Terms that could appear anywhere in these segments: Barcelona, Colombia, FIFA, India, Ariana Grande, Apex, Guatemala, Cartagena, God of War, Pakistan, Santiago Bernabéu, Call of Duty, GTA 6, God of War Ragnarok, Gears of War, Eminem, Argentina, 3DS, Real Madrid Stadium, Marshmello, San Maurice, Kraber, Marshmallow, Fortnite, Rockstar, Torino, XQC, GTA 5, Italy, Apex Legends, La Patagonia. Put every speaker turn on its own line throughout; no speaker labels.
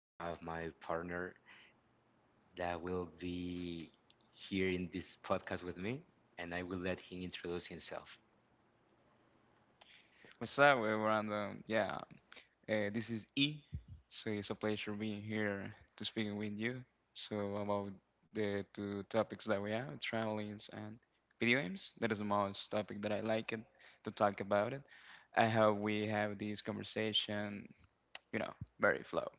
do have my partner that will be here in this podcast with me, and I will let him introduce himself.
What's up, Brandon? Yeah, this is E. So it's a pleasure being here to speaking with you. So about the two topics that we have, traveling and video games. That is the most topic that I like it to talk about it. I hope we have this conversation, you know, very flow.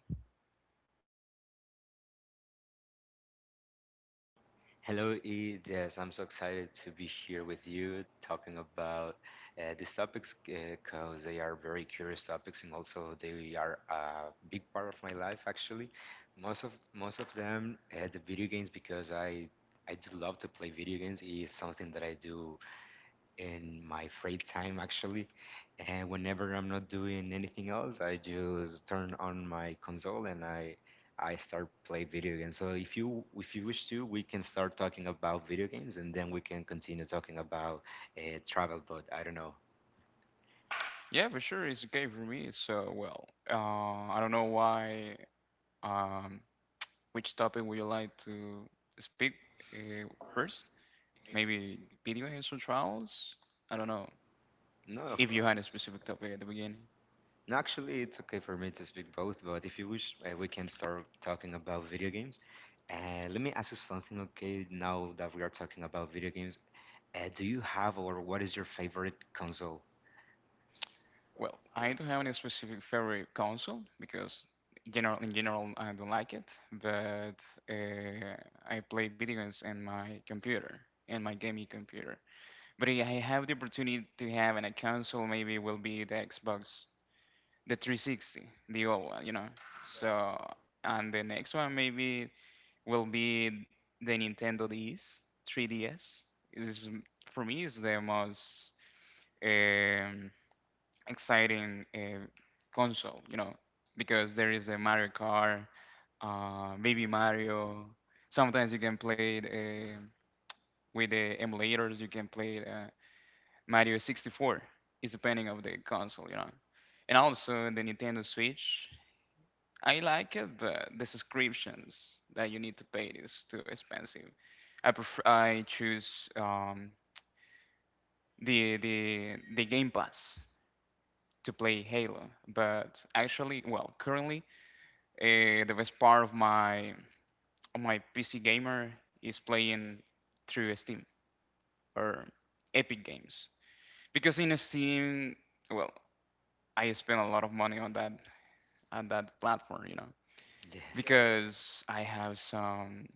Hello, E. Yes, I'm so excited to be here with you talking about these topics because they are very curious topics, and also they are a big part of my life actually. Most of them, the video games, because I do love to play video games. It's something that I do in my free time actually. And whenever I'm not doing anything else, I just turn on my console and I start play video games. So if you wish to, we can start talking about video games, and then we can continue talking about travel. But I don't know.
Yeah, for sure, it's okay for me. So well, I don't know why. Um, which topic would you like to speak uh, first? Maybe video games or trials? I don't know
No, of-
if you had a specific topic at the beginning.
no, actually, it's okay for me to speak both. But if you wish, we can start talking about video games. Let me ask you something, okay? Now that we are talking about video games, do you have, or what is your favorite console?
Well, I don't have any specific favorite console because in general, I don't like it. But uh, I play video games in my computer, in my gaming computer. But if I have the opportunity to have a console, maybe it will be the Xbox, the 360, the old one, you know. So, and the next one maybe will be the Nintendo DS, 3DS. It is for me is the most um, exciting console, you know, because there is a Mario Kart, Baby Mario. Sometimes you can play it with the emulators. You can play Mario 64. It's depending of the console, you know. And also the Nintendo Switch. I like it, but the subscriptions that you need to pay is too expensive. I prefer, I choose the Game Pass to play Halo. But actually, well, currently the best part of my PC gamer is playing through Steam or Epic Games because in Steam, well, I spend a lot of money on that platform, you know,
Yes.
because I have some.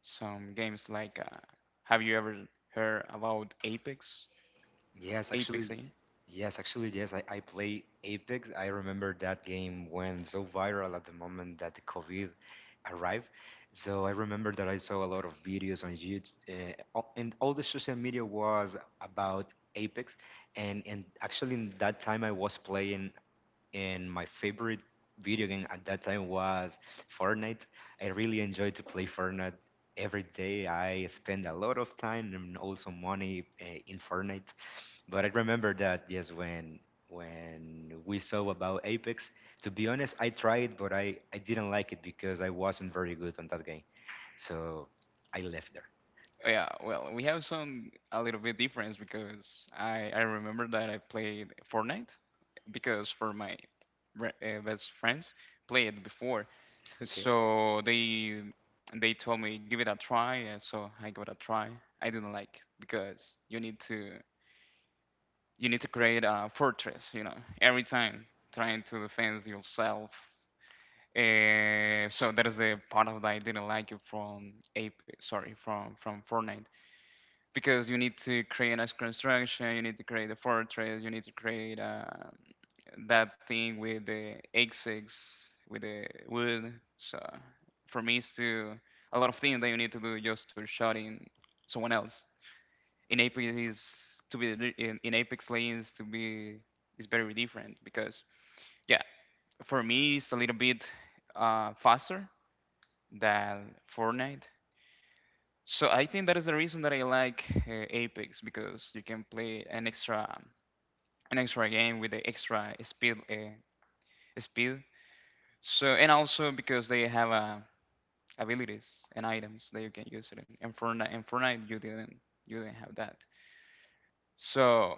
Some games like have you ever heard about Apex?
Yes,
Apex,
actually,
eh?
yes, actually, I play Apex. I remember that game went so viral at the moment that the COVID arrived. So I remember that I saw a lot of videos on YouTube, and all the social media was about Apex. And actually, in that time, I was playing, and my favorite video game at that time was Fortnite. I really enjoyed to play Fortnite every day. I spend a lot of time and also money in Fortnite. But I remember that yes, when we saw about Apex, to be honest, I tried, but I didn't like it because I wasn't very good on that game. So I left there.
Oh, yeah, well, we have some a little bit difference because I remember that I played Fortnite because for my best friends played before,
Okay.
so they told me give it a try, so I give it a try. I didn't like because you need to, you need to create a fortress, you know, every time trying to defend yourself. So that is the part of that I didn't like it from Apex, sorry, from Fortnite, because you need to create a construction, you need to create a fortress, you need to create that thing with the axes, with the wood. So for me, it's to a lot of things that you need to do just to shot in someone else. In Apex is to be re- in Apex Legends to be is very different because yeah, for me it's a little bit faster than Fortnite. So I think that is the reason that I like Apex because you can play an extra game with the extra speed speed. So and also because they have abilities and items that you can use it in. And Fortnite, in Fortnite you didn't have that. So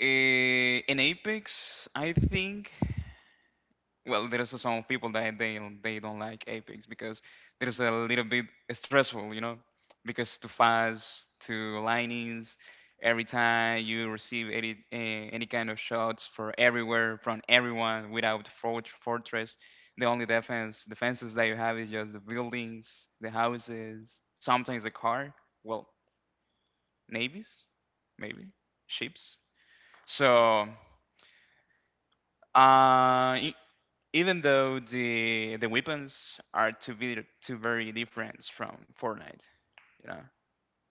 uh, in Apex, I think. Well, there is some people that they don't like Apex because there is a little bit stressful, you know, because too fast, too linings, every time you receive any any kind of shots for everywhere from everyone without fortress, the only defenses that you have is just the buildings, the houses, sometimes the car. Well, navies, maybe ships. So uh, i- even though the weapons are two very different from Fortnite, you know.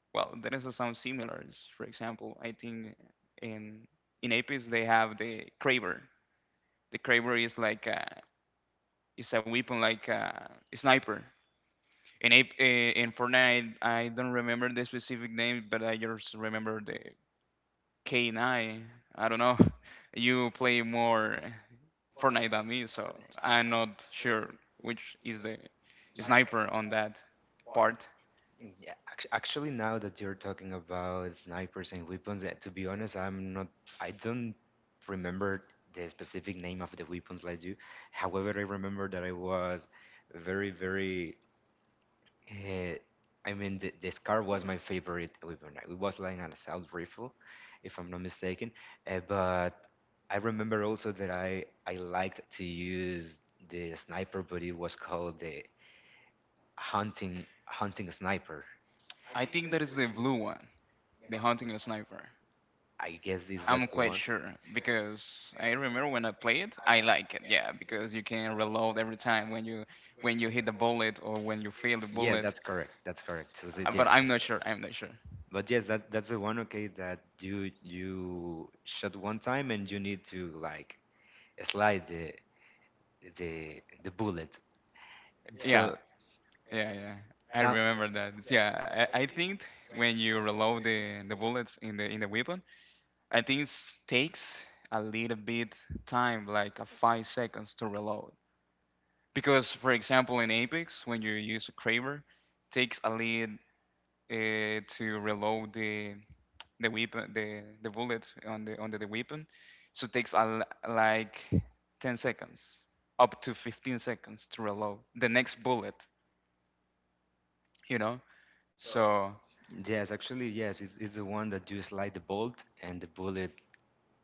Well, there is some similars. For example, I think in in Apex they have the Kraber. The Kraber is like a, is a weapon like a sniper. In Fortnite, I don't remember the specific name, but I just remember the K9. I don't know. You play more Fortnite than me, so I'm not sure which is the
Yeah.
sniper on that part.
Yeah, actually, now that you're talking about snipers and weapons, to be honest, I'm not. I don't remember the specific name of the weapons like you. However, I remember that I was very, very. Uh, I mean, the Scar was my favorite weapon. It was like an assault rifle, if I'm not mistaken. But I remember also that I liked to use the sniper, but it was called the hunting hunting sniper,
I think that is the blue one, the hunting sniper.
I guess. Is that
I'm
the
quite
one?
sure because I remember when I played it, I like it, yeah, because you can reload every time when you hit the bullet or when you fail the
Yeah, that's
bullet.
correct. That's correct. So say
But
yes.
I'm not sure. I'm not sure.
But yes, that's the one. Okay, that you shot one time and you need to like slide the the bullet.
Yeah,
So
yeah, yeah. I
now,
remember that. Yeah, I think when you reload the bullets in the weapon, and this takes a little bit time, like a 5 seconds to reload. Because, for example, in Apex, when you use a Kraber, takes a lead to reload the weapon, the bullet on the under the weapon. So it takes like 10 seconds, up to 15 seconds to reload the next bullet. You know, so
yes, actually, yes, it's the one that you slide the bolt and the bullet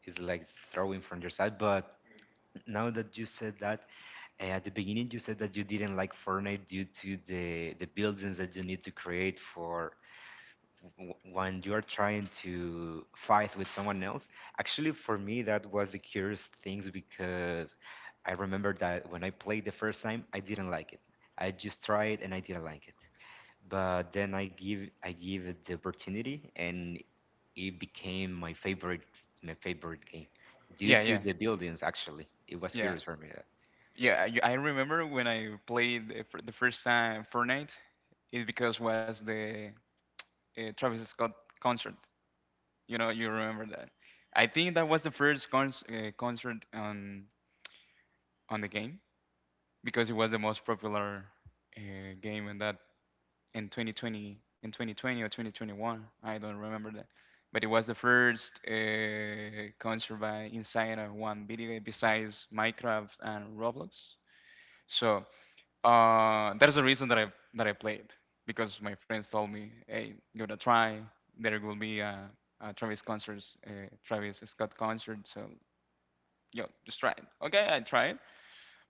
is like throwing from your side. But now that you said that, at the beginning, you said that you didn't like Fortnite due to the buildings that you need to create for when you are trying to fight with someone else. Actually, for me, that was the curious things because I remember that when I played the first time, I didn't like it. I just tried and I didn't like it. But then I give it the opportunity, and it became my favorite game due
yeah,
to
yeah,
the buildings. Actually, it was
yeah.
curious for me.
Yeah, I remember when I played the first time Fortnite, it because was the Travis Scott concert. You know, you remember that. I think that was the first cons concert on the game because it was the most popular game in that in 2020 or 2021. I don't remember that, but it was the first concert by inside of one video game besides Minecraft and Roblox. So. That is the reason that I played because my friends told me, "Hey, give it a try. There will be a Travis concerts, a Travis Scott concert, so yo, just try it." Okay, I tried,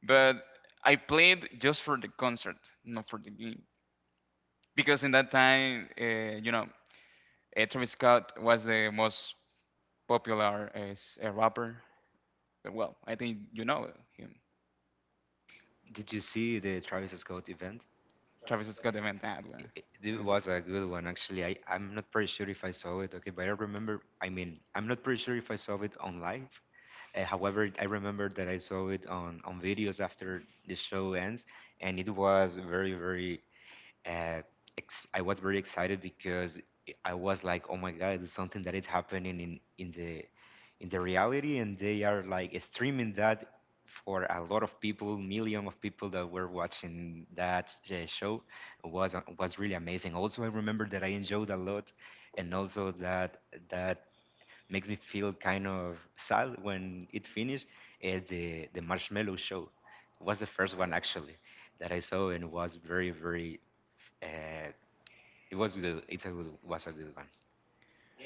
but I played just for the concert, not for the game, because in that time, you know, Travis Scott was the most popular rapper. But, well, I think you know him,
Did you see the Travis Scott event?
Travis Scott, the Van Damme.
It was a good one, actually. I'm not pretty sure if I saw it, okay, but I remember, I mean, I'm not pretty sure if I saw it on live. However, I remember that I saw it on videos after the show ends, and it was uh, I was very excited because I was like, oh my God, it's something that is happening in in the reality, and they are like streaming that for a lot of people, million of people that were watching that show. It was really amazing. Also, I remember that I enjoyed a lot, and also that that makes me feel kind of sad when it finished. The Marshmallow Show was the first one actually that I saw, and was very very uh, it was good. It's a good, was a good one.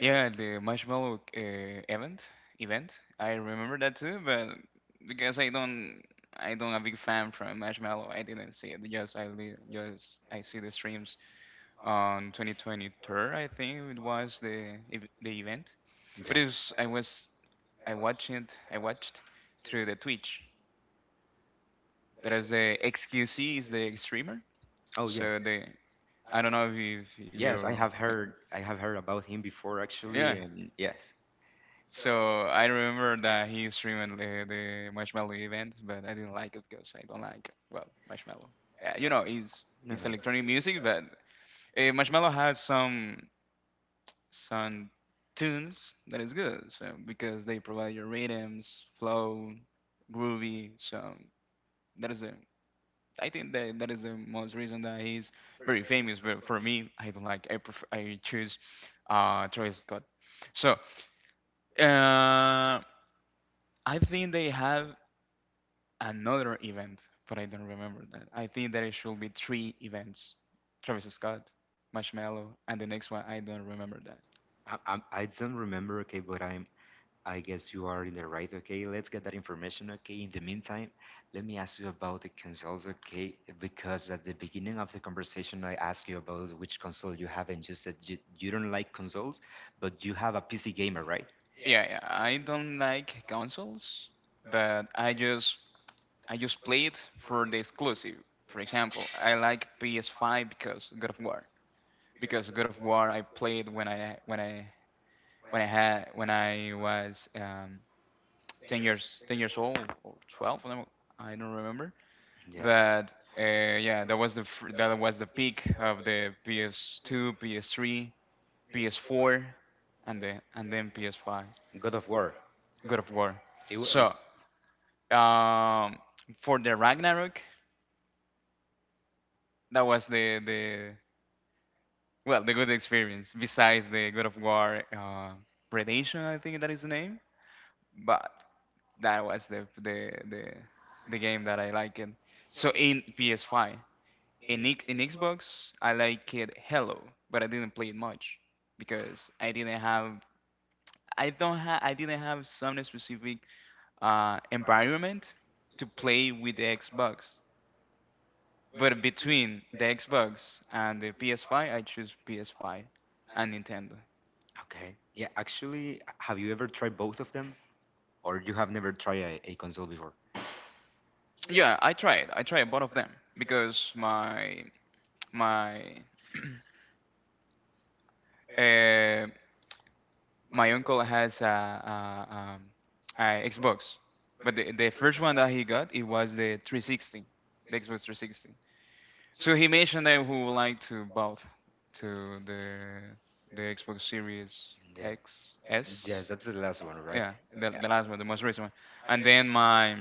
Yeah, the marshmallow event event. I remember that too, but because I don't a big fan from marshmallow, I didn't see it. Just I li- just I see the streams on 2023. I think it was the event, but
Yes.
I was, I watched it, I watched through the Twitch. That is the XQC is the streamer.
Oh yes.
So the I don't know if you. Wait.
I have heard about him before actually,
Yeah,
and yes.
so I remember that he streamed the marshmallow event, but I didn't like it because I don't like well marshmallow. Yeah, you know,
No,
he's electronic music, but marshmallow has some tunes that is good. So because they provide your rhythms, flow, groovy. So that is a I think that that is the most reason that he's very famous. But for me, I don't like. I prefer, I choose Travis Scott. So uh. I think they have another event, but I don't remember that. I think that it should be three events: Travis Scott, Marshmello, and the next one. I don't remember that.
I, I'm- I don't remember. Okay, but I guess you are in the right. Okay, let's get that information. Okay. In the meantime, let me ask you about the consoles. Okay, because at the beginning of the conversation, I asked you about which console you have, and you said you don't like consoles, but you have a PC gamer, right?
Yeah, yeah. I don't like consoles, but I just play it for the exclusive. For example, I like PS5 because God of War. Because God of War, I played when I had when I was 10 years, 10 years old or 12. I don't remember.
Yes.
But yeah, that was that was the peak of the PS2, PS3, PS4, and then PS5.
God of War.
God of War.
It, wa- it,
So um, for the Ragnarok, that was the well the good experience. Besides the God of War Redemption, I think that is the name. But that was the game that I liked. So in PS5. In X- in Xbox, I like it Hello, but I didn't play it much because I didn't have some specific environment to play with the Xbox. But between the Xbox and the PS5, I choose PS5 and Nintendo.
Okay. Yeah, actually, have you ever tried both of them? Or you have never tried a console before?
Yeah, I tried. I tried both of them because my um my uncle has a Xbox, but the first one that he got it was the 360, the Xbox 360. So he mentioned that he would like to both to the Xbox Series
Yeah.
X S,
Yes, that's the last one, right?
yeah,
Yeah.
the last one, the most recent one, and then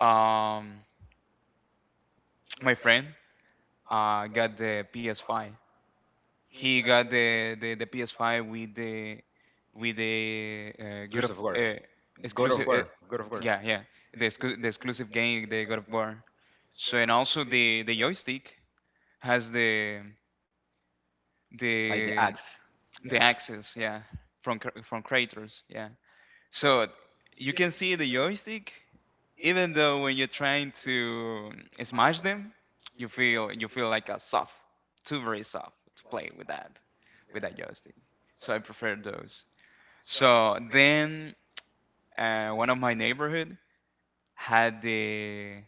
um my friend got the PS5, he got the PS5 with the God
Gears of
of
War. God of
exclusive.
War. God of War.
Yeah, yeah, the exclusive game, the God of War. So and also the joystick has
Like the
the
axe.
the access, yeah, from creators, yeah. So you can see the joystick, even though when you're trying to smash them, you feel like a soft, too very soft to play with that joystick. So I prefer those. So then one of my neighborhood had the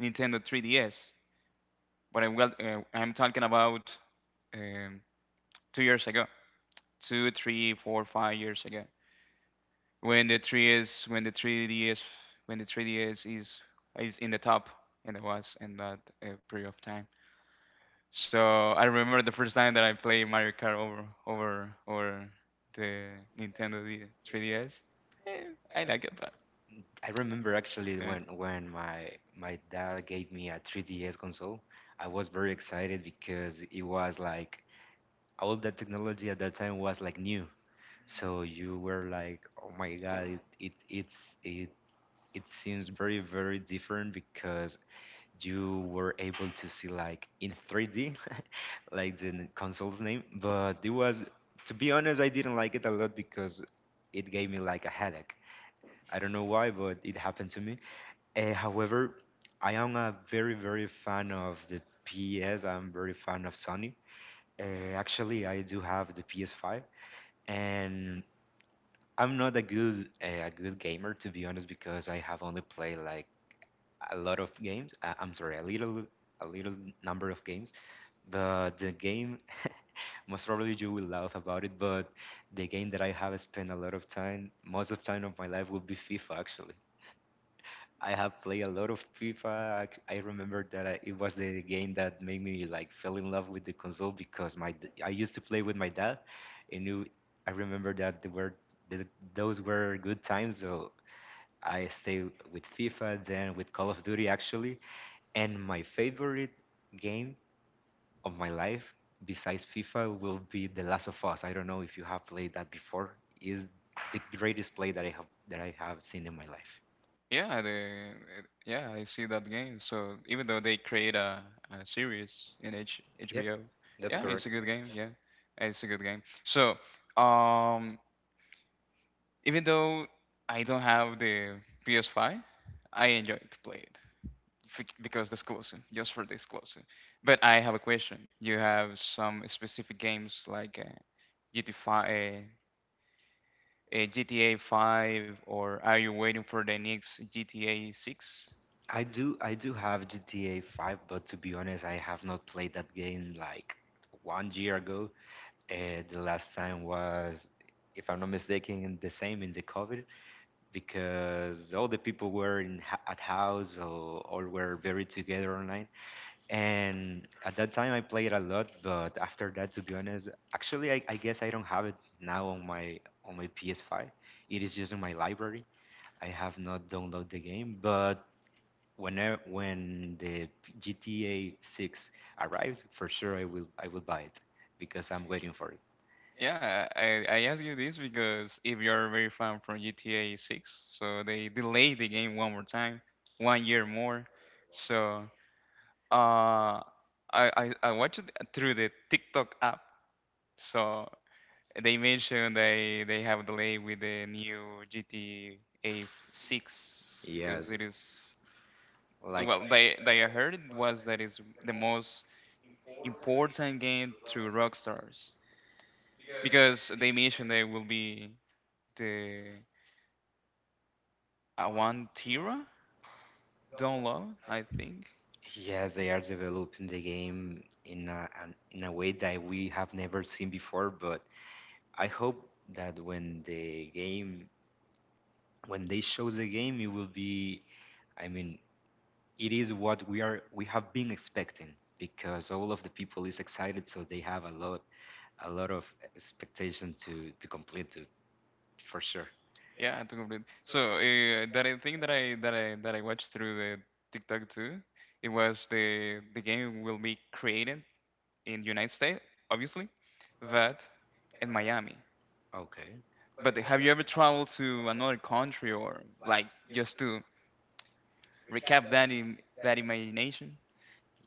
Nintendo 3DS, but I'm well, I'm talking about um, 2 years ago, two, three, four, 5 years ago. when the three is when the 3ds when the 3ds is in the top, and it was in that period of time. So I remember the first time that I played Mario Kart over the Nintendo 3DS. Eh, I like it, but
I remember actually
eh,
when my dad gave me a 3DS console, I was very excited because it was like all that technology at that time was like new. So you were like, oh my god, it's it seems very different because you were able to see like in 3D like the console's name. But it was to be honest, I didn't like it a lot because it gave me like a headache. I don't know why, but it happened to me. However, I am a very fan of the PS. I'm very fan of Sony. Actually, I do have the PS5, and I'm not a good gamer to be honest because I have only played like a lot of games. I'm sorry, a little number of games. But the game, most probably you will laugh about it, but the game that I have spent a lot of time, most of time of my life, will be FIFA actually. I have played a lot of FIFA. I remember that it was the game that made me like fell in love with the console because I used to play with my dad, and I remember that th- those were good times. So I stayed with FIFA, then with Call of Duty actually, and my favorite game of my life, besides FIFA, will be The Last of Us. I don't know if you have played that before. Is the greatest play that I have seen in my life.
yeah, the yeah, I see that game. So even though they create a series in
Yep,
HBO.
that's
Yeah, it's a
correct.
good game. Yeah, it's a good game. So um even though I don't have the PS5, I enjoy to play it because this closing, just for this closing. But I have a question. You have some specific games like GTA 5, GTA 5, or are you waiting for the next GTA 6?
I do have GTA 5, but to be honest, I have not played that game like 1 year ago. The last time was, if I'm not mistaken, in the same in the COVID because all the people were at house, or were very together online. And at that time, I played a lot, but after that, to be honest, actually, I guess I don't have it now on my PS5. It is just in my library. I have not downloaded the game, but when the GTA 6 arrives, for sure I will buy it because I'm waiting for it.
Yeah, I ask you this because if you're very fan from GTA 6, so they delayed the game one more time, 1 year more. So Uh, I watched it through the TikTok app. So they mentioned they have delay with the new GTA 6 because
Yes,
it is,
like
well, they heard it was, that is the most important game to Rockstars, because they mentioned there will be the Avantira download, I think.
Yes, they are developing the game in a an, in a way that we have never seen before, but I hope that when the game when they show the game, it will be, I mean, it is what we have been expecting because all of the people is excited, so they have a lot of expectation to complete it for sure.
Yeah, to complete. So that I think, that I watched through the TikTok too. It was the game will be created in United States, obviously, but in Miami.
Okay.
But have you ever traveled to another country or, like, just to recap that in that imagination?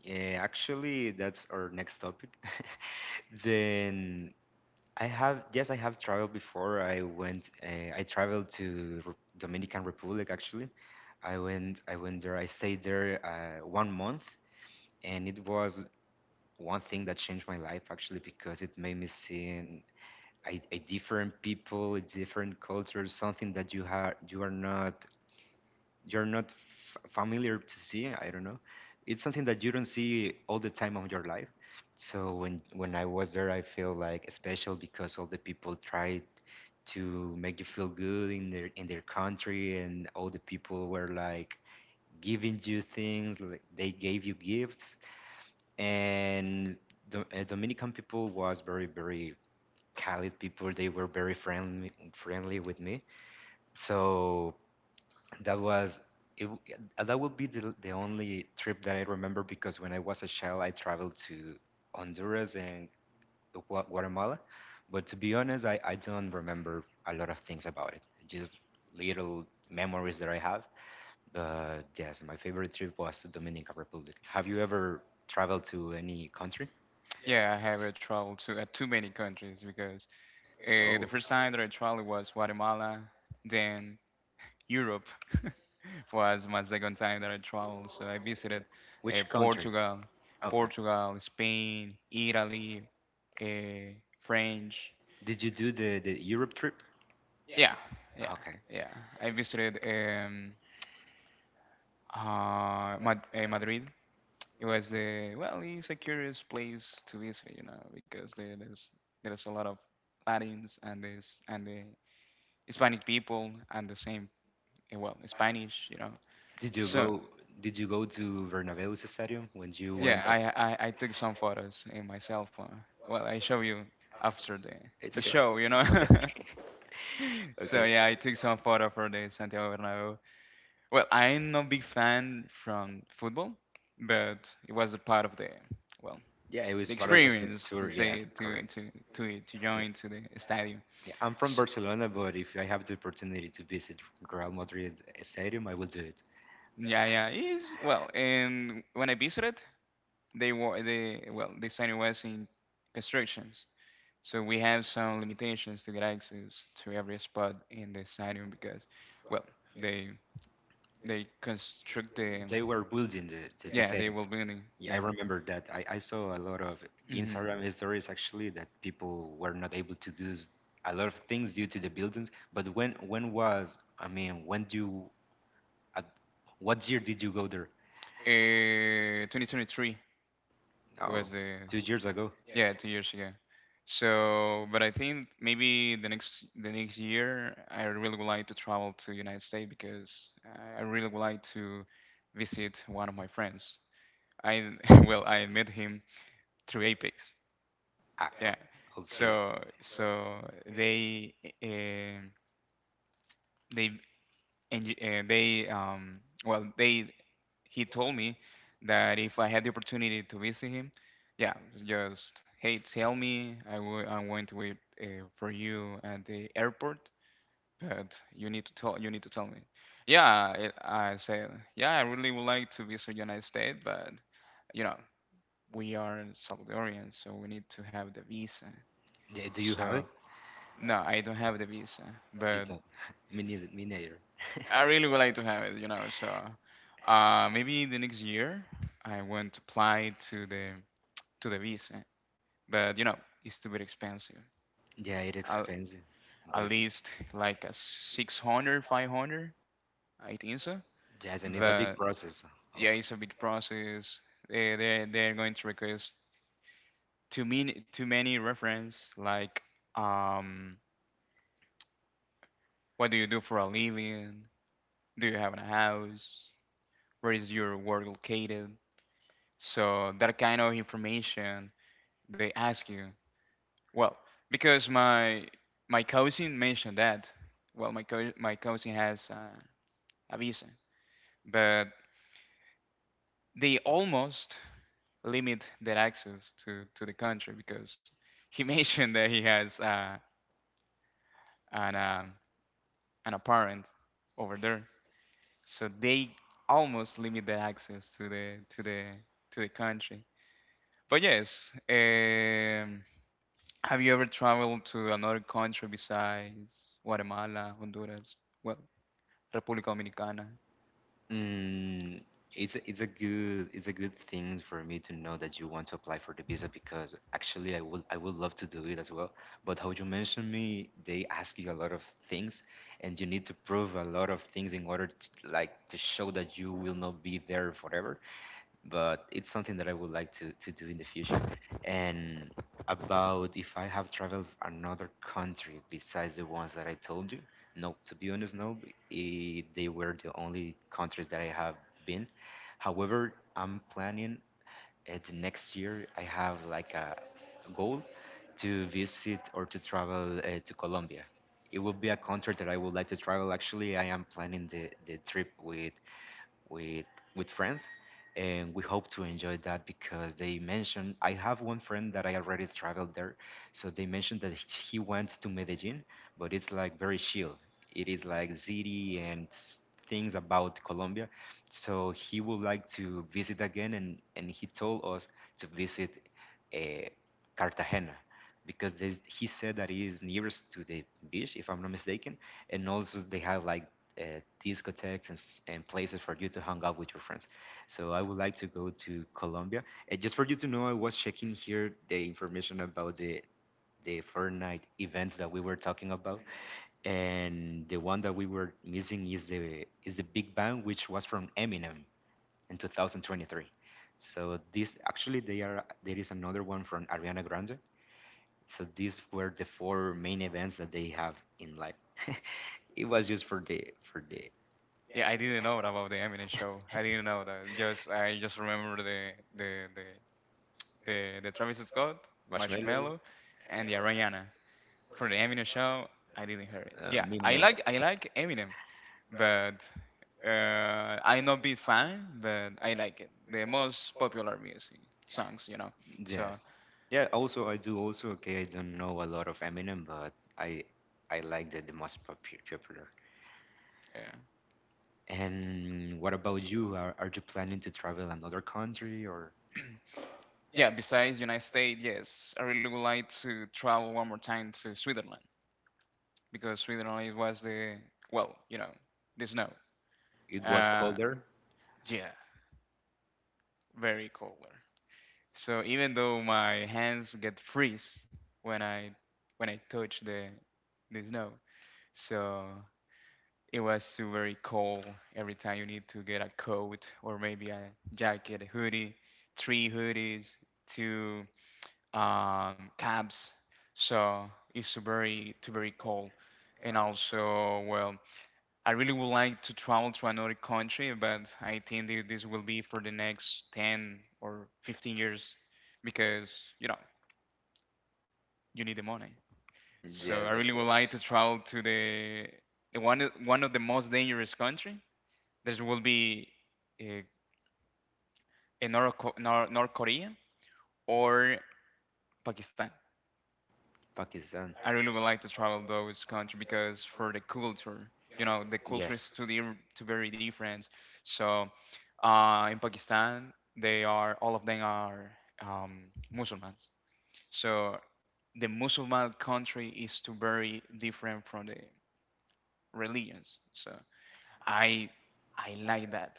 Yeah, actually that's our next topic. Then I have yes, I have traveled before. I went. I traveled to Dominican Republic actually. I went there. I stayed there 1 month, and it was one thing that changed my life actually because it made me see a different people, a different culture, something that you are not familiar to see. I don't know, it's something that you don't see all the time of your life. So when I was there, I feel like special because all the people tried to make you feel good in their country, and all the people were like giving you things, like they gave you gifts, and the dominican people was very Khalid people. They were very friendly with me. So that was it, that would be the only trip that I remember because when I was a child, I traveled to Honduras and Guatemala. But to be honest, I don't remember a lot of things about it, just little memories that I have. But yes, my favorite trip was to Dominican Republic. Have you ever traveled to any country?
Yeah, I have traveled to too many countries because the
Oh,
first time that I traveled was Guatemala, then Europe was my second time that I traveled. So I visited uh,
which country?
Portugal,
Okay.
Portugal, Spain, Italy, uh, French.
Did you do the Europe trip?
Yeah, yeah,
Okay.
yeah. I visited Madrid. It was the, well, it's a curious place to visit, you know, because there's a lot of Latins and this and the Hispanic people, and the same, well, Spanish, you know.
Did you
So.
go? Did you go to Bernabeu Stadium when you
Yeah,
went at?
I took some photos in my cell phone. Well, I show you after
It's
the
okay.
show, you know.
Okay.
So
Okay.
yeah, I took some photo for the Santiago Bernabéu. Well, I'm no big fan from football, but it was a part of the, well,
Yeah, it was
the
part of the
experience to
tour. Yes,
take to
correct.
to to to
Yeah.
join to the stadium.
Yeah, I'm from
S-
Barcelona, but if I have the opportunity to visit Real Madrid Stadium, I will do it.
yeah, yeah, it is, well. And when I visited, they were the, well, the stadium was in constructions. So we have some limitations to get access to every spot in the stadium because, well, they they construct the,
They were building the
yeah, they
stadium.
will building,
Yeah, I
yeah.
remember that. I saw a lot of
hmm
Instagram stories actually that people were not able to do a lot of things due to the buildings. But when was, I mean, when do you, at what year did you go there?
2023. It
Oh,
was,
2 years ago.
yeah, 2 years ago. So, but I think maybe the next year I really would like to travel to United States because I really would like to visit one of my friends. I well, I met him through Apex.
Ah, oh,
Yeah.
okay.
So they and they well they he told me that if I had the opportunity to visit him, yeah, just, hey, tell me. I'm going to wait for you at the airport, but you need to tell me. Yeah, I said, yeah, I really would like to visit United States, but, you know, we are Salvadorians, so we need to have the visa.
Yeah, do you have
So,
it?
no, I don't have the visa,
You
but
don't. Me neither. Me neither.
I really would like to have it, you know. So maybe the next year I want to apply to the visa, but, you know, it's too bit expensive.
Yeah, it's
At,
expensive,
at
but
least, like, a 600, 500, I think so.
yes, and it's a big
But
process.
yeah,
Also.
it's a big process. They're going to request too many reference, like, um what do you do for a living? Do you have a house? Where is your work located? So that kind of information they ask you. Well, because my cousin mentioned that. Well, my cousin has a visa, but they almost limit their access to the country because he mentioned that he has an um an parent over there. So they almost limit their access to the country. But yes, have you ever traveled to another country besides Guatemala, Honduras, well, República Dominicana?
Mm, it's a good thing for me to know that you want to apply for the visa, because actually I would love to do it as well. But how you mentioned me, they ask you a lot of things, and you need to prove a lot of things in order to, like to show that you will not be there forever, but it's something that I would like to do in the future. And about if I have traveled another country besides the ones that I told you, no, to be honest, no, they were the only countries that I have been. However, I'm planning at the next year. I have like a goal to visit or to travel to Colombia. It will be a country that I would like to travel. Actually, I am planning the trip with with friends, and we hope to enjoy that because they mentioned, I have one friend that I already traveled there, so they mentioned that he went to Medellin, but it's like very chill, it is like city and things about Colombia, so he would like to visit again, and he told us to visit uh, Cartagena, because he said that he nearest to the beach if I'm not mistaken, and also they have like uh, discotheques and places for you to hang out with your friends. So I would like to go to Colombia. And just for you to know, I was checking here the information about the Fortnite events that we were talking about, and the one that we were missing is the Big Bang, which was from Eminem in 2023. So this actually, they are there is another one from Ariana Grande. So these were the four main events that they have in life. It was just for the
Yeah, I didn't know about the Eminem show. I didn't know that. Just I just remember the the the Travis Scott, Marshmello,
Marshmallow,
and the Ariana. For the Eminem show, I didn't hear it. Yeah,
midnight.
I like Eminem, but I'm not big fan, but I like it. The most popular music songs, you know. So
Yes. Yeah. Also, I do. Also, okay. I don't know a lot of Eminem, but I like that the most popular.
yeah.
And what about you? Are you planning to travel another country, or
Yeah, besides United States, yes, I really would like to travel one more time to Switzerland because Switzerland, it was the, well, you know, the snow.
it was
Uh,
colder?
yeah, very colder. So even though my hands get freeze when I touch the snow, so it was too very cold. Every time you need to get a coat or maybe a jacket, a hoodie, three hoodies, two cabs. So it's too very cold. And also, well, I really would like to travel to another country, but I think this will be for the next 10 or 15 years because, you know, you need the money. So I
Yes, that's
really
good.
would like to travel to the one of the most dangerous country. This will be uh, in North, Co- Nor- North Korea or Pakistan.
Pakistan.
I really would like to travel those countries because, for the culture, you know, the culture
Yes.
is too very different. So in Pakistan, they are all of them are Muslims. So the Muslim country is too very different from the religions. So I I like that.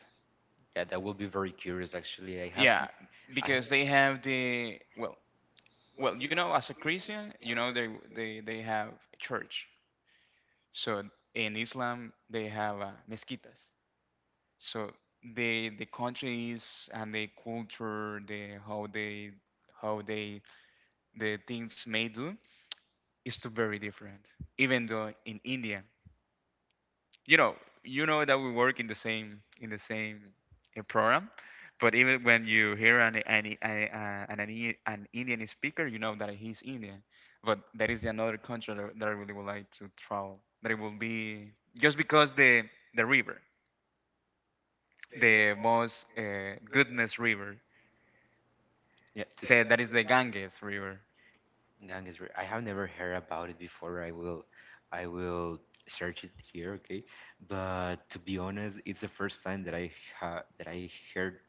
Yeah, that will be very curious actually. I have
Yeah,
I
because they have the, well, well, you know, as a Christian, you know, they have a church. So in Islam, they have mezquitas. So the countries and the culture, the how they the things may do is too very different. Even though in India, you know you know that we work in the same, program, but even when you hear an, a- an, I- an Indian speaker, you know that he's Indian. But that is another country that, I really would like to travel. That, it will be just because the river, the most goodness river,
yeah, to,
said that is the Ganges river,
Gang is I have never heard about it before. I will search it here, okay? But to be honest, it's the first time that I ha that I heard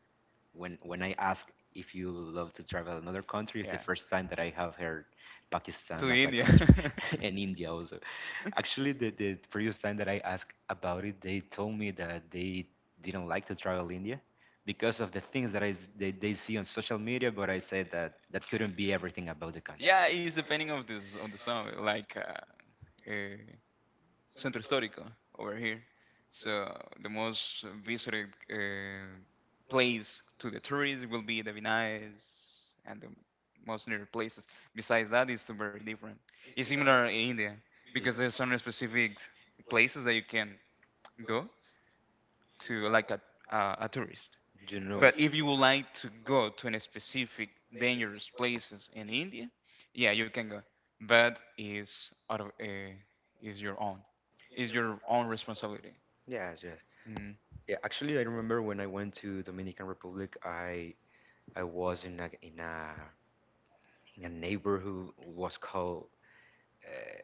when I ask if you love to travel another country, it's the
yeah,
first time that I have heard Pakistan
to
as a
India.
country and India also. Actually, the previous time that I asked about it, they told me that they didn't like to travel India because of the things that they see on social media. But I said that that couldn't be everything about the country.
Yeah, it's depending on this, on the song, like, uh, Centro Histórico over here. So the most visited uh, place to the tourists will be the Vinays and the most near places. Besides that, it's very different. It's similar in India because there's some specific places that you can go to, like, a tourist.
You know.
But if you would like to go to any specific dangerous places in India, yeah, you can go. But it's out of, is your own, is your own responsibility.
Yes, yes.
Mm.
Yeah, actually, I remember when I went to Dominican Republic, I was in a neighborhood who was called uh,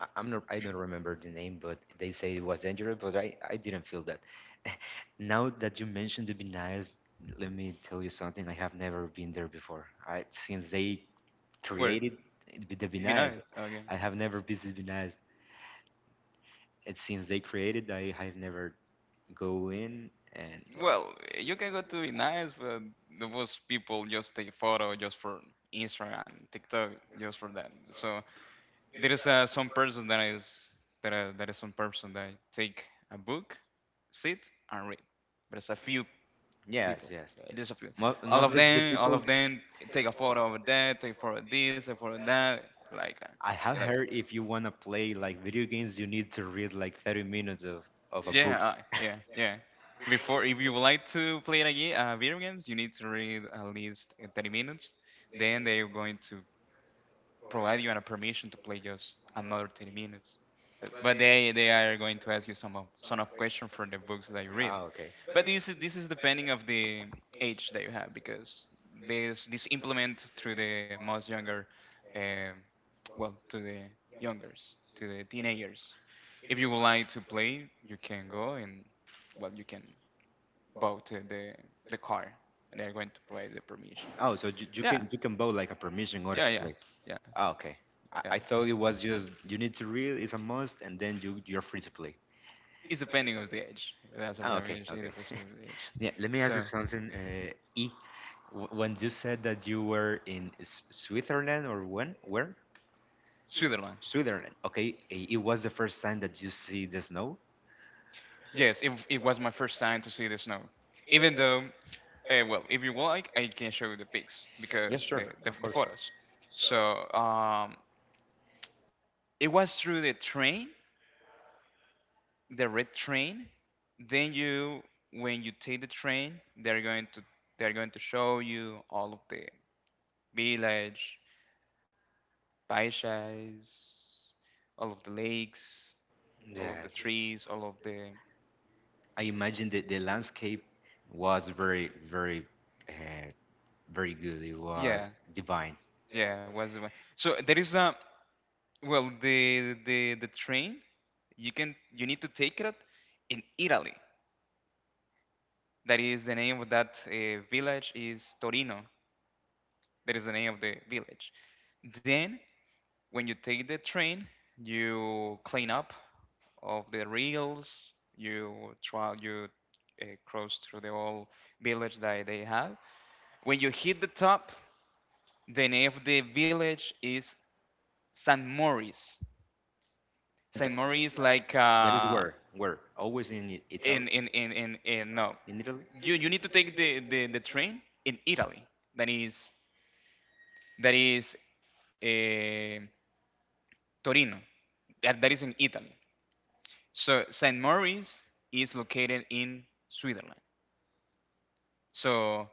I, I'm not I don't remember the name, but they say it was dangerous, but I didn't feel that. Now that you mentioned the Binaes, let me tell you something. I have never been there before. I, since they
Where
created the
be
the
nice, okay?
I have never visited Binaes. And since they created, I have never go in, and
Well, you can go to be nice, but the most people just take a photo just for Instagram, TikTok, just for that. So there is some person that is some person that take a book, sit and read. But it's a few
yes,
people.
yes.
It is a few.
Mo- most of the,
All
people
of them take a photo of that, take a photo of this, a photo of that. Like,
I
you're
have
like,
heard, if you want to play like video games, you need to read like 30 minutes of a
yeah,
book.
yeah, yeah. Before, if you would like to play video games, you need to read at least, 30 minutes. Then they're going to provide you a permission to play just another 30 minutes.
Uh,
But they are going to ask you some of question for the books that you read.
Okay.
But this is depending of the age that you have because this implement through the most younger, uh, well, to the youngers, to the teenagers. If you would like to play, you can go and, well, you can vote the car, and they're going to provide the permission.
Oh, so you, you
Yeah,
can you can buy like a permission in order
yeah,
to
yeah,
play.
yeah,
Okay. I,
yeah.
I thought it was just you need to read, it's a must, and then you're free to play.
It's depending of the age. That's what I mean.
Okay,
It
okay.
depends of the age.
Yeah, let me ask you
So
something. When you said that you were in Switzerland, or when? Where?
Switzerland.
Switzerland. Okay, it was the first time that you see the snow.
Yes, it was my first time to see the snow, even though, well, if you like, I can show you the pics
Yes,
because
sure, of
the
course.
photos. So it was through the train, the red train. Then when you take the train, they're going to show you all of the village, paisajes, all of the lakes, all of the
Yes,
trees, all of the,
I imagine that the landscape was very, very, uh, very good. It was
yeah,
divine.
yeah, was the one. So there is a, well, the train you can, you need to take it in Italy. That is the name of that, village is Torino. That is the name of the village. Then when you take the train, you clean up of the reels. You cross through the whole village that they have. When you hit the top, the name of the village is San Maurice.
Th-
San Maurice like
That is where always in I- Italy,
in no.
in Italy.
You need to take the train in Italy. That is that is eh, Torino, that is in Italy. So St. Moritz is located in Switzerland. So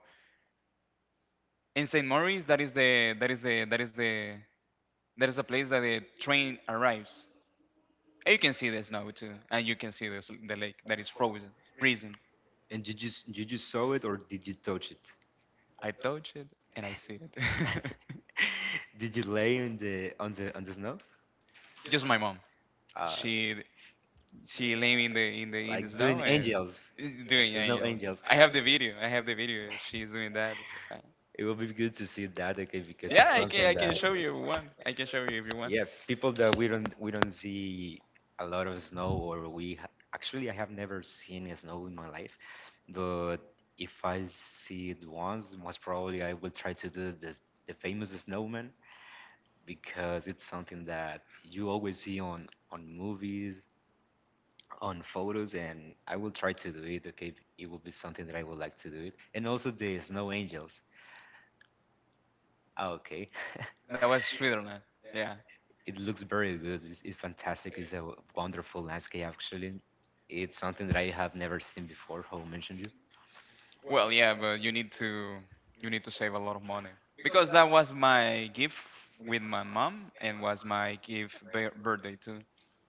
in St. Moritz, that is the that is the that is the that is the place that the train arrives. And you can see the snow too, and you can see the lake that is frozen, freezing.
And you just saw it, or did you touch it?
I touch it and I see it.
Did you lay on the snow?
Just my mom.
Uh,
She She lay me in the in the in the
like doing
snow and
angels.
is doing
There's no
angels.
angels.
I have the video. I have the video. She's doing that. Uh,
It will be good to see that again, because
Yeah,
it's something
I can show
that,
you if you want. I can show you if you want.
yeah, people that we don't see a lot of snow, or actually, I have never seen a snow in my life, but if I see it once, most probably I will try to do this the famous snowman, because it's something that you always see on movies, on photos, and I will try to do it, okay, it will be something that I would like to do it, and also the snow angels. Ah, okay.
That was Switzerland. Yeah.
It looks very good. It's fantastic. It's a wonderful landscape, actually. It's something that I have never seen before, how I mentioned you.
Well, yeah, but you need to save a lot of money, because that was my gift with my mom and was my gift birthday too.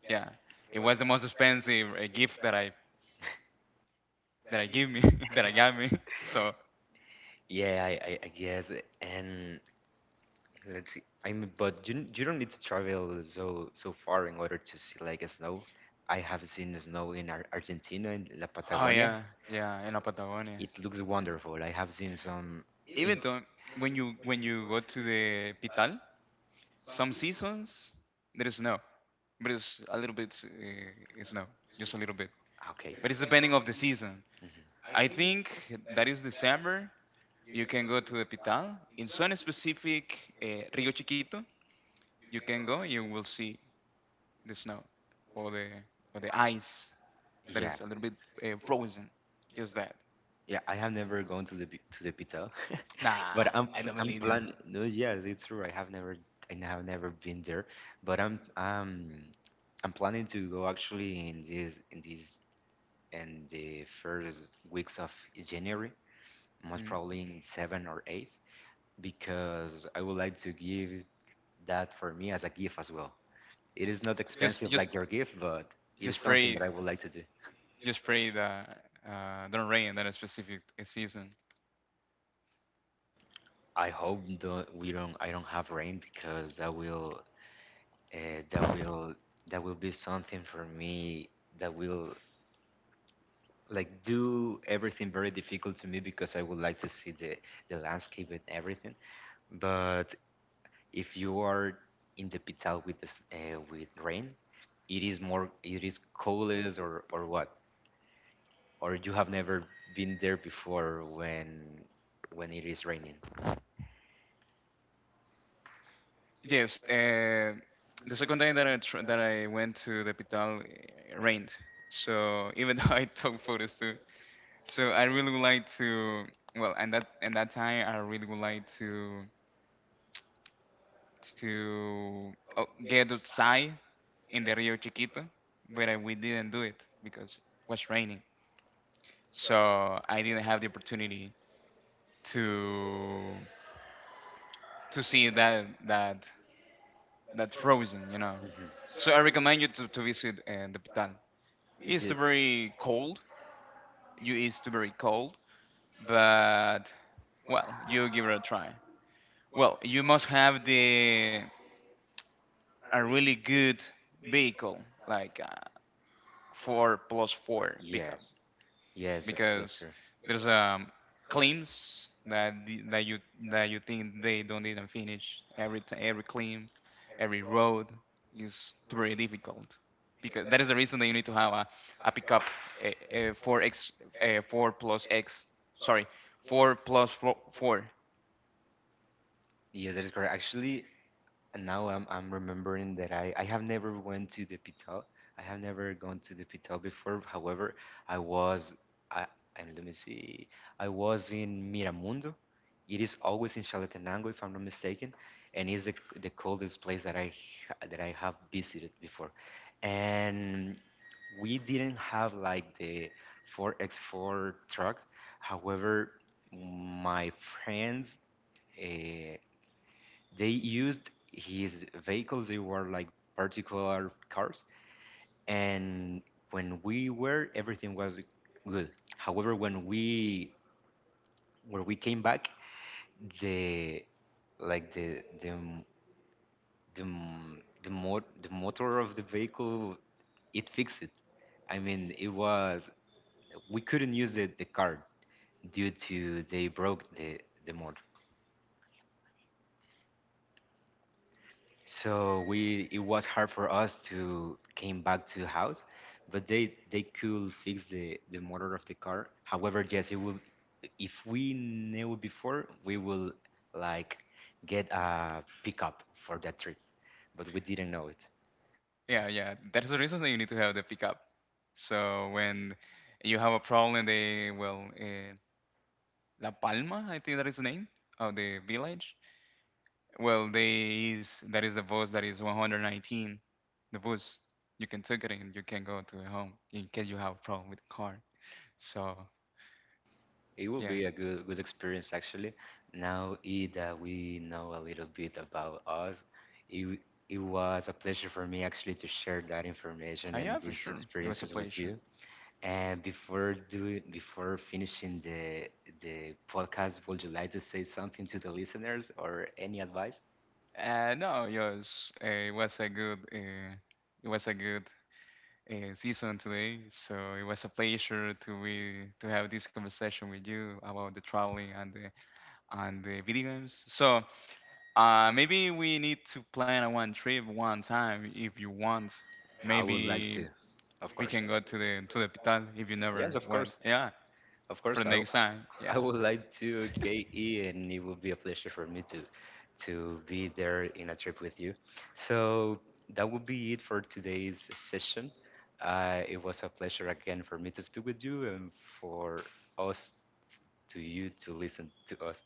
Yeah, it was the most expensive gift that I give me, that I got me. So
Yeah, I guess. And let's see. I mean, but you don't need to travel so far in order to see like a snow. I have seen snow in Ar Argentina, in La
oh
Patagonia.
yeah, yeah, in a Patagonia.
It looks wonderful. I have seen some in.
Even though when you go to the Pital, some seasons there is snow, but it's a little bit snow, just a little bit.
Okay.
But it's depending of the season.
Mhm.
I think that is December. You can go to the Pital. In some specific Rio Chiquito, you can go and you will see the snow or the or the ice that
Yeah.
is a little bit frozen. Just that.
Yeah, I have never gone to the pizza, but
Nah,
I'm
I
pl-
don't
I'm
believe you.
plan. No, yes, it's true. I have never been there, but I'm planning to go actually in the first weeks of January, most
Mhm.
probably in seven or eighth, because I would like to give that for me as a gift as well. It is not. Yes,
Just
expensive
just
like your gift, but it is
just
something
pray.
that I would like to do.
Just pray that don't rain that a specific season.
I hope don't, we don't I don't have rain, because that will uh, that will that will be something for me that will like do everything very difficult to me, because I would like to see the landscape and everything. But if you are in the pital with this with rain, it is coldest, or what? Or you have never been there before when it is raining.
Yes, the second time that that I went to the Pital, it rained. So even though I took photos too, so I really would like to. Well, and that time I really would like to oh, get outside in the Rio Chiquito, but we didn't do it because it was raining. So I didn't have the opportunity to to see that that that frozen, you know.
Mhm.
So I recommend you to visit the Pital. It's very cold. You it's very cold, but well, you give it a try. Well, you must have the a really good vehicle, like four plus four pickup,
Yes. Yes, yes, that's
because
true.
there's claims that you that you think they don't even finish every every claim, every road is very difficult, because that is the reason that you need to have a pickup a four x a four plus x, sorry, four plus four, four
Yeah, that is correct. Actually, and now I'm remembering that I have never went to the Pital. I have never gone to the Pital before. However, I was I, I let me see. I was in Miramundo. It is always in Chalatenango, if I'm not mistaken, and is the coldest place that I have visited before. And we didn't have like the 4x4 trucks. However, my friends. Uh, they used his vehicles. They were like particular cars. And when we were, everything was good. However, when we came back, the like the the, mo- the motor of the vehicle it fixed it. I mean, it was we couldn't use the car due to they broke the motor. So we it was hard for us to came back to house, but they could fix the motor of the car. However, yes, it will. If we knew before, we will like get a pickup for that trip, but we didn't know it.
yeah yeah that is the reason that you need to have the pickup. So when you have a problem they well, La Palma, I think that is the name of the village. Well, there is that is the bus, that is 119. The bus, you can take it and you can go to your home in case you have a problem with car. So
It will
yeah,
be a good experience actually. Now that we know a little bit about us, it it was a pleasure for me actually to share that information
yeah,
and
for
these
sure, it was a
experiences with
pleasure.
you. And before finishing the podcast, would you like to say something to the listeners or any advice?
No, yes, it was a good, it was a good season today. So it was a pleasure to be to have this conversation with you about the traveling and the video games. So maybe we need to plan a one trip one time if you want.
I would like
Maybe
to, of
we
course.
can go to the Pital if you
Yes,
never
of course,
went. Yeah,
of
for
course.
the
I w-
next time.
I
Yeah.
would like to, KE, and it would be a pleasure for me to be there in a trip with you. So that would be it for today's session. It was a pleasure again for me to speak with you and for us to you to listen to us.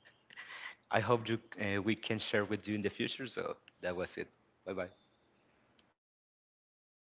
I hope we can share with you in the future. So that was it. Bye bye.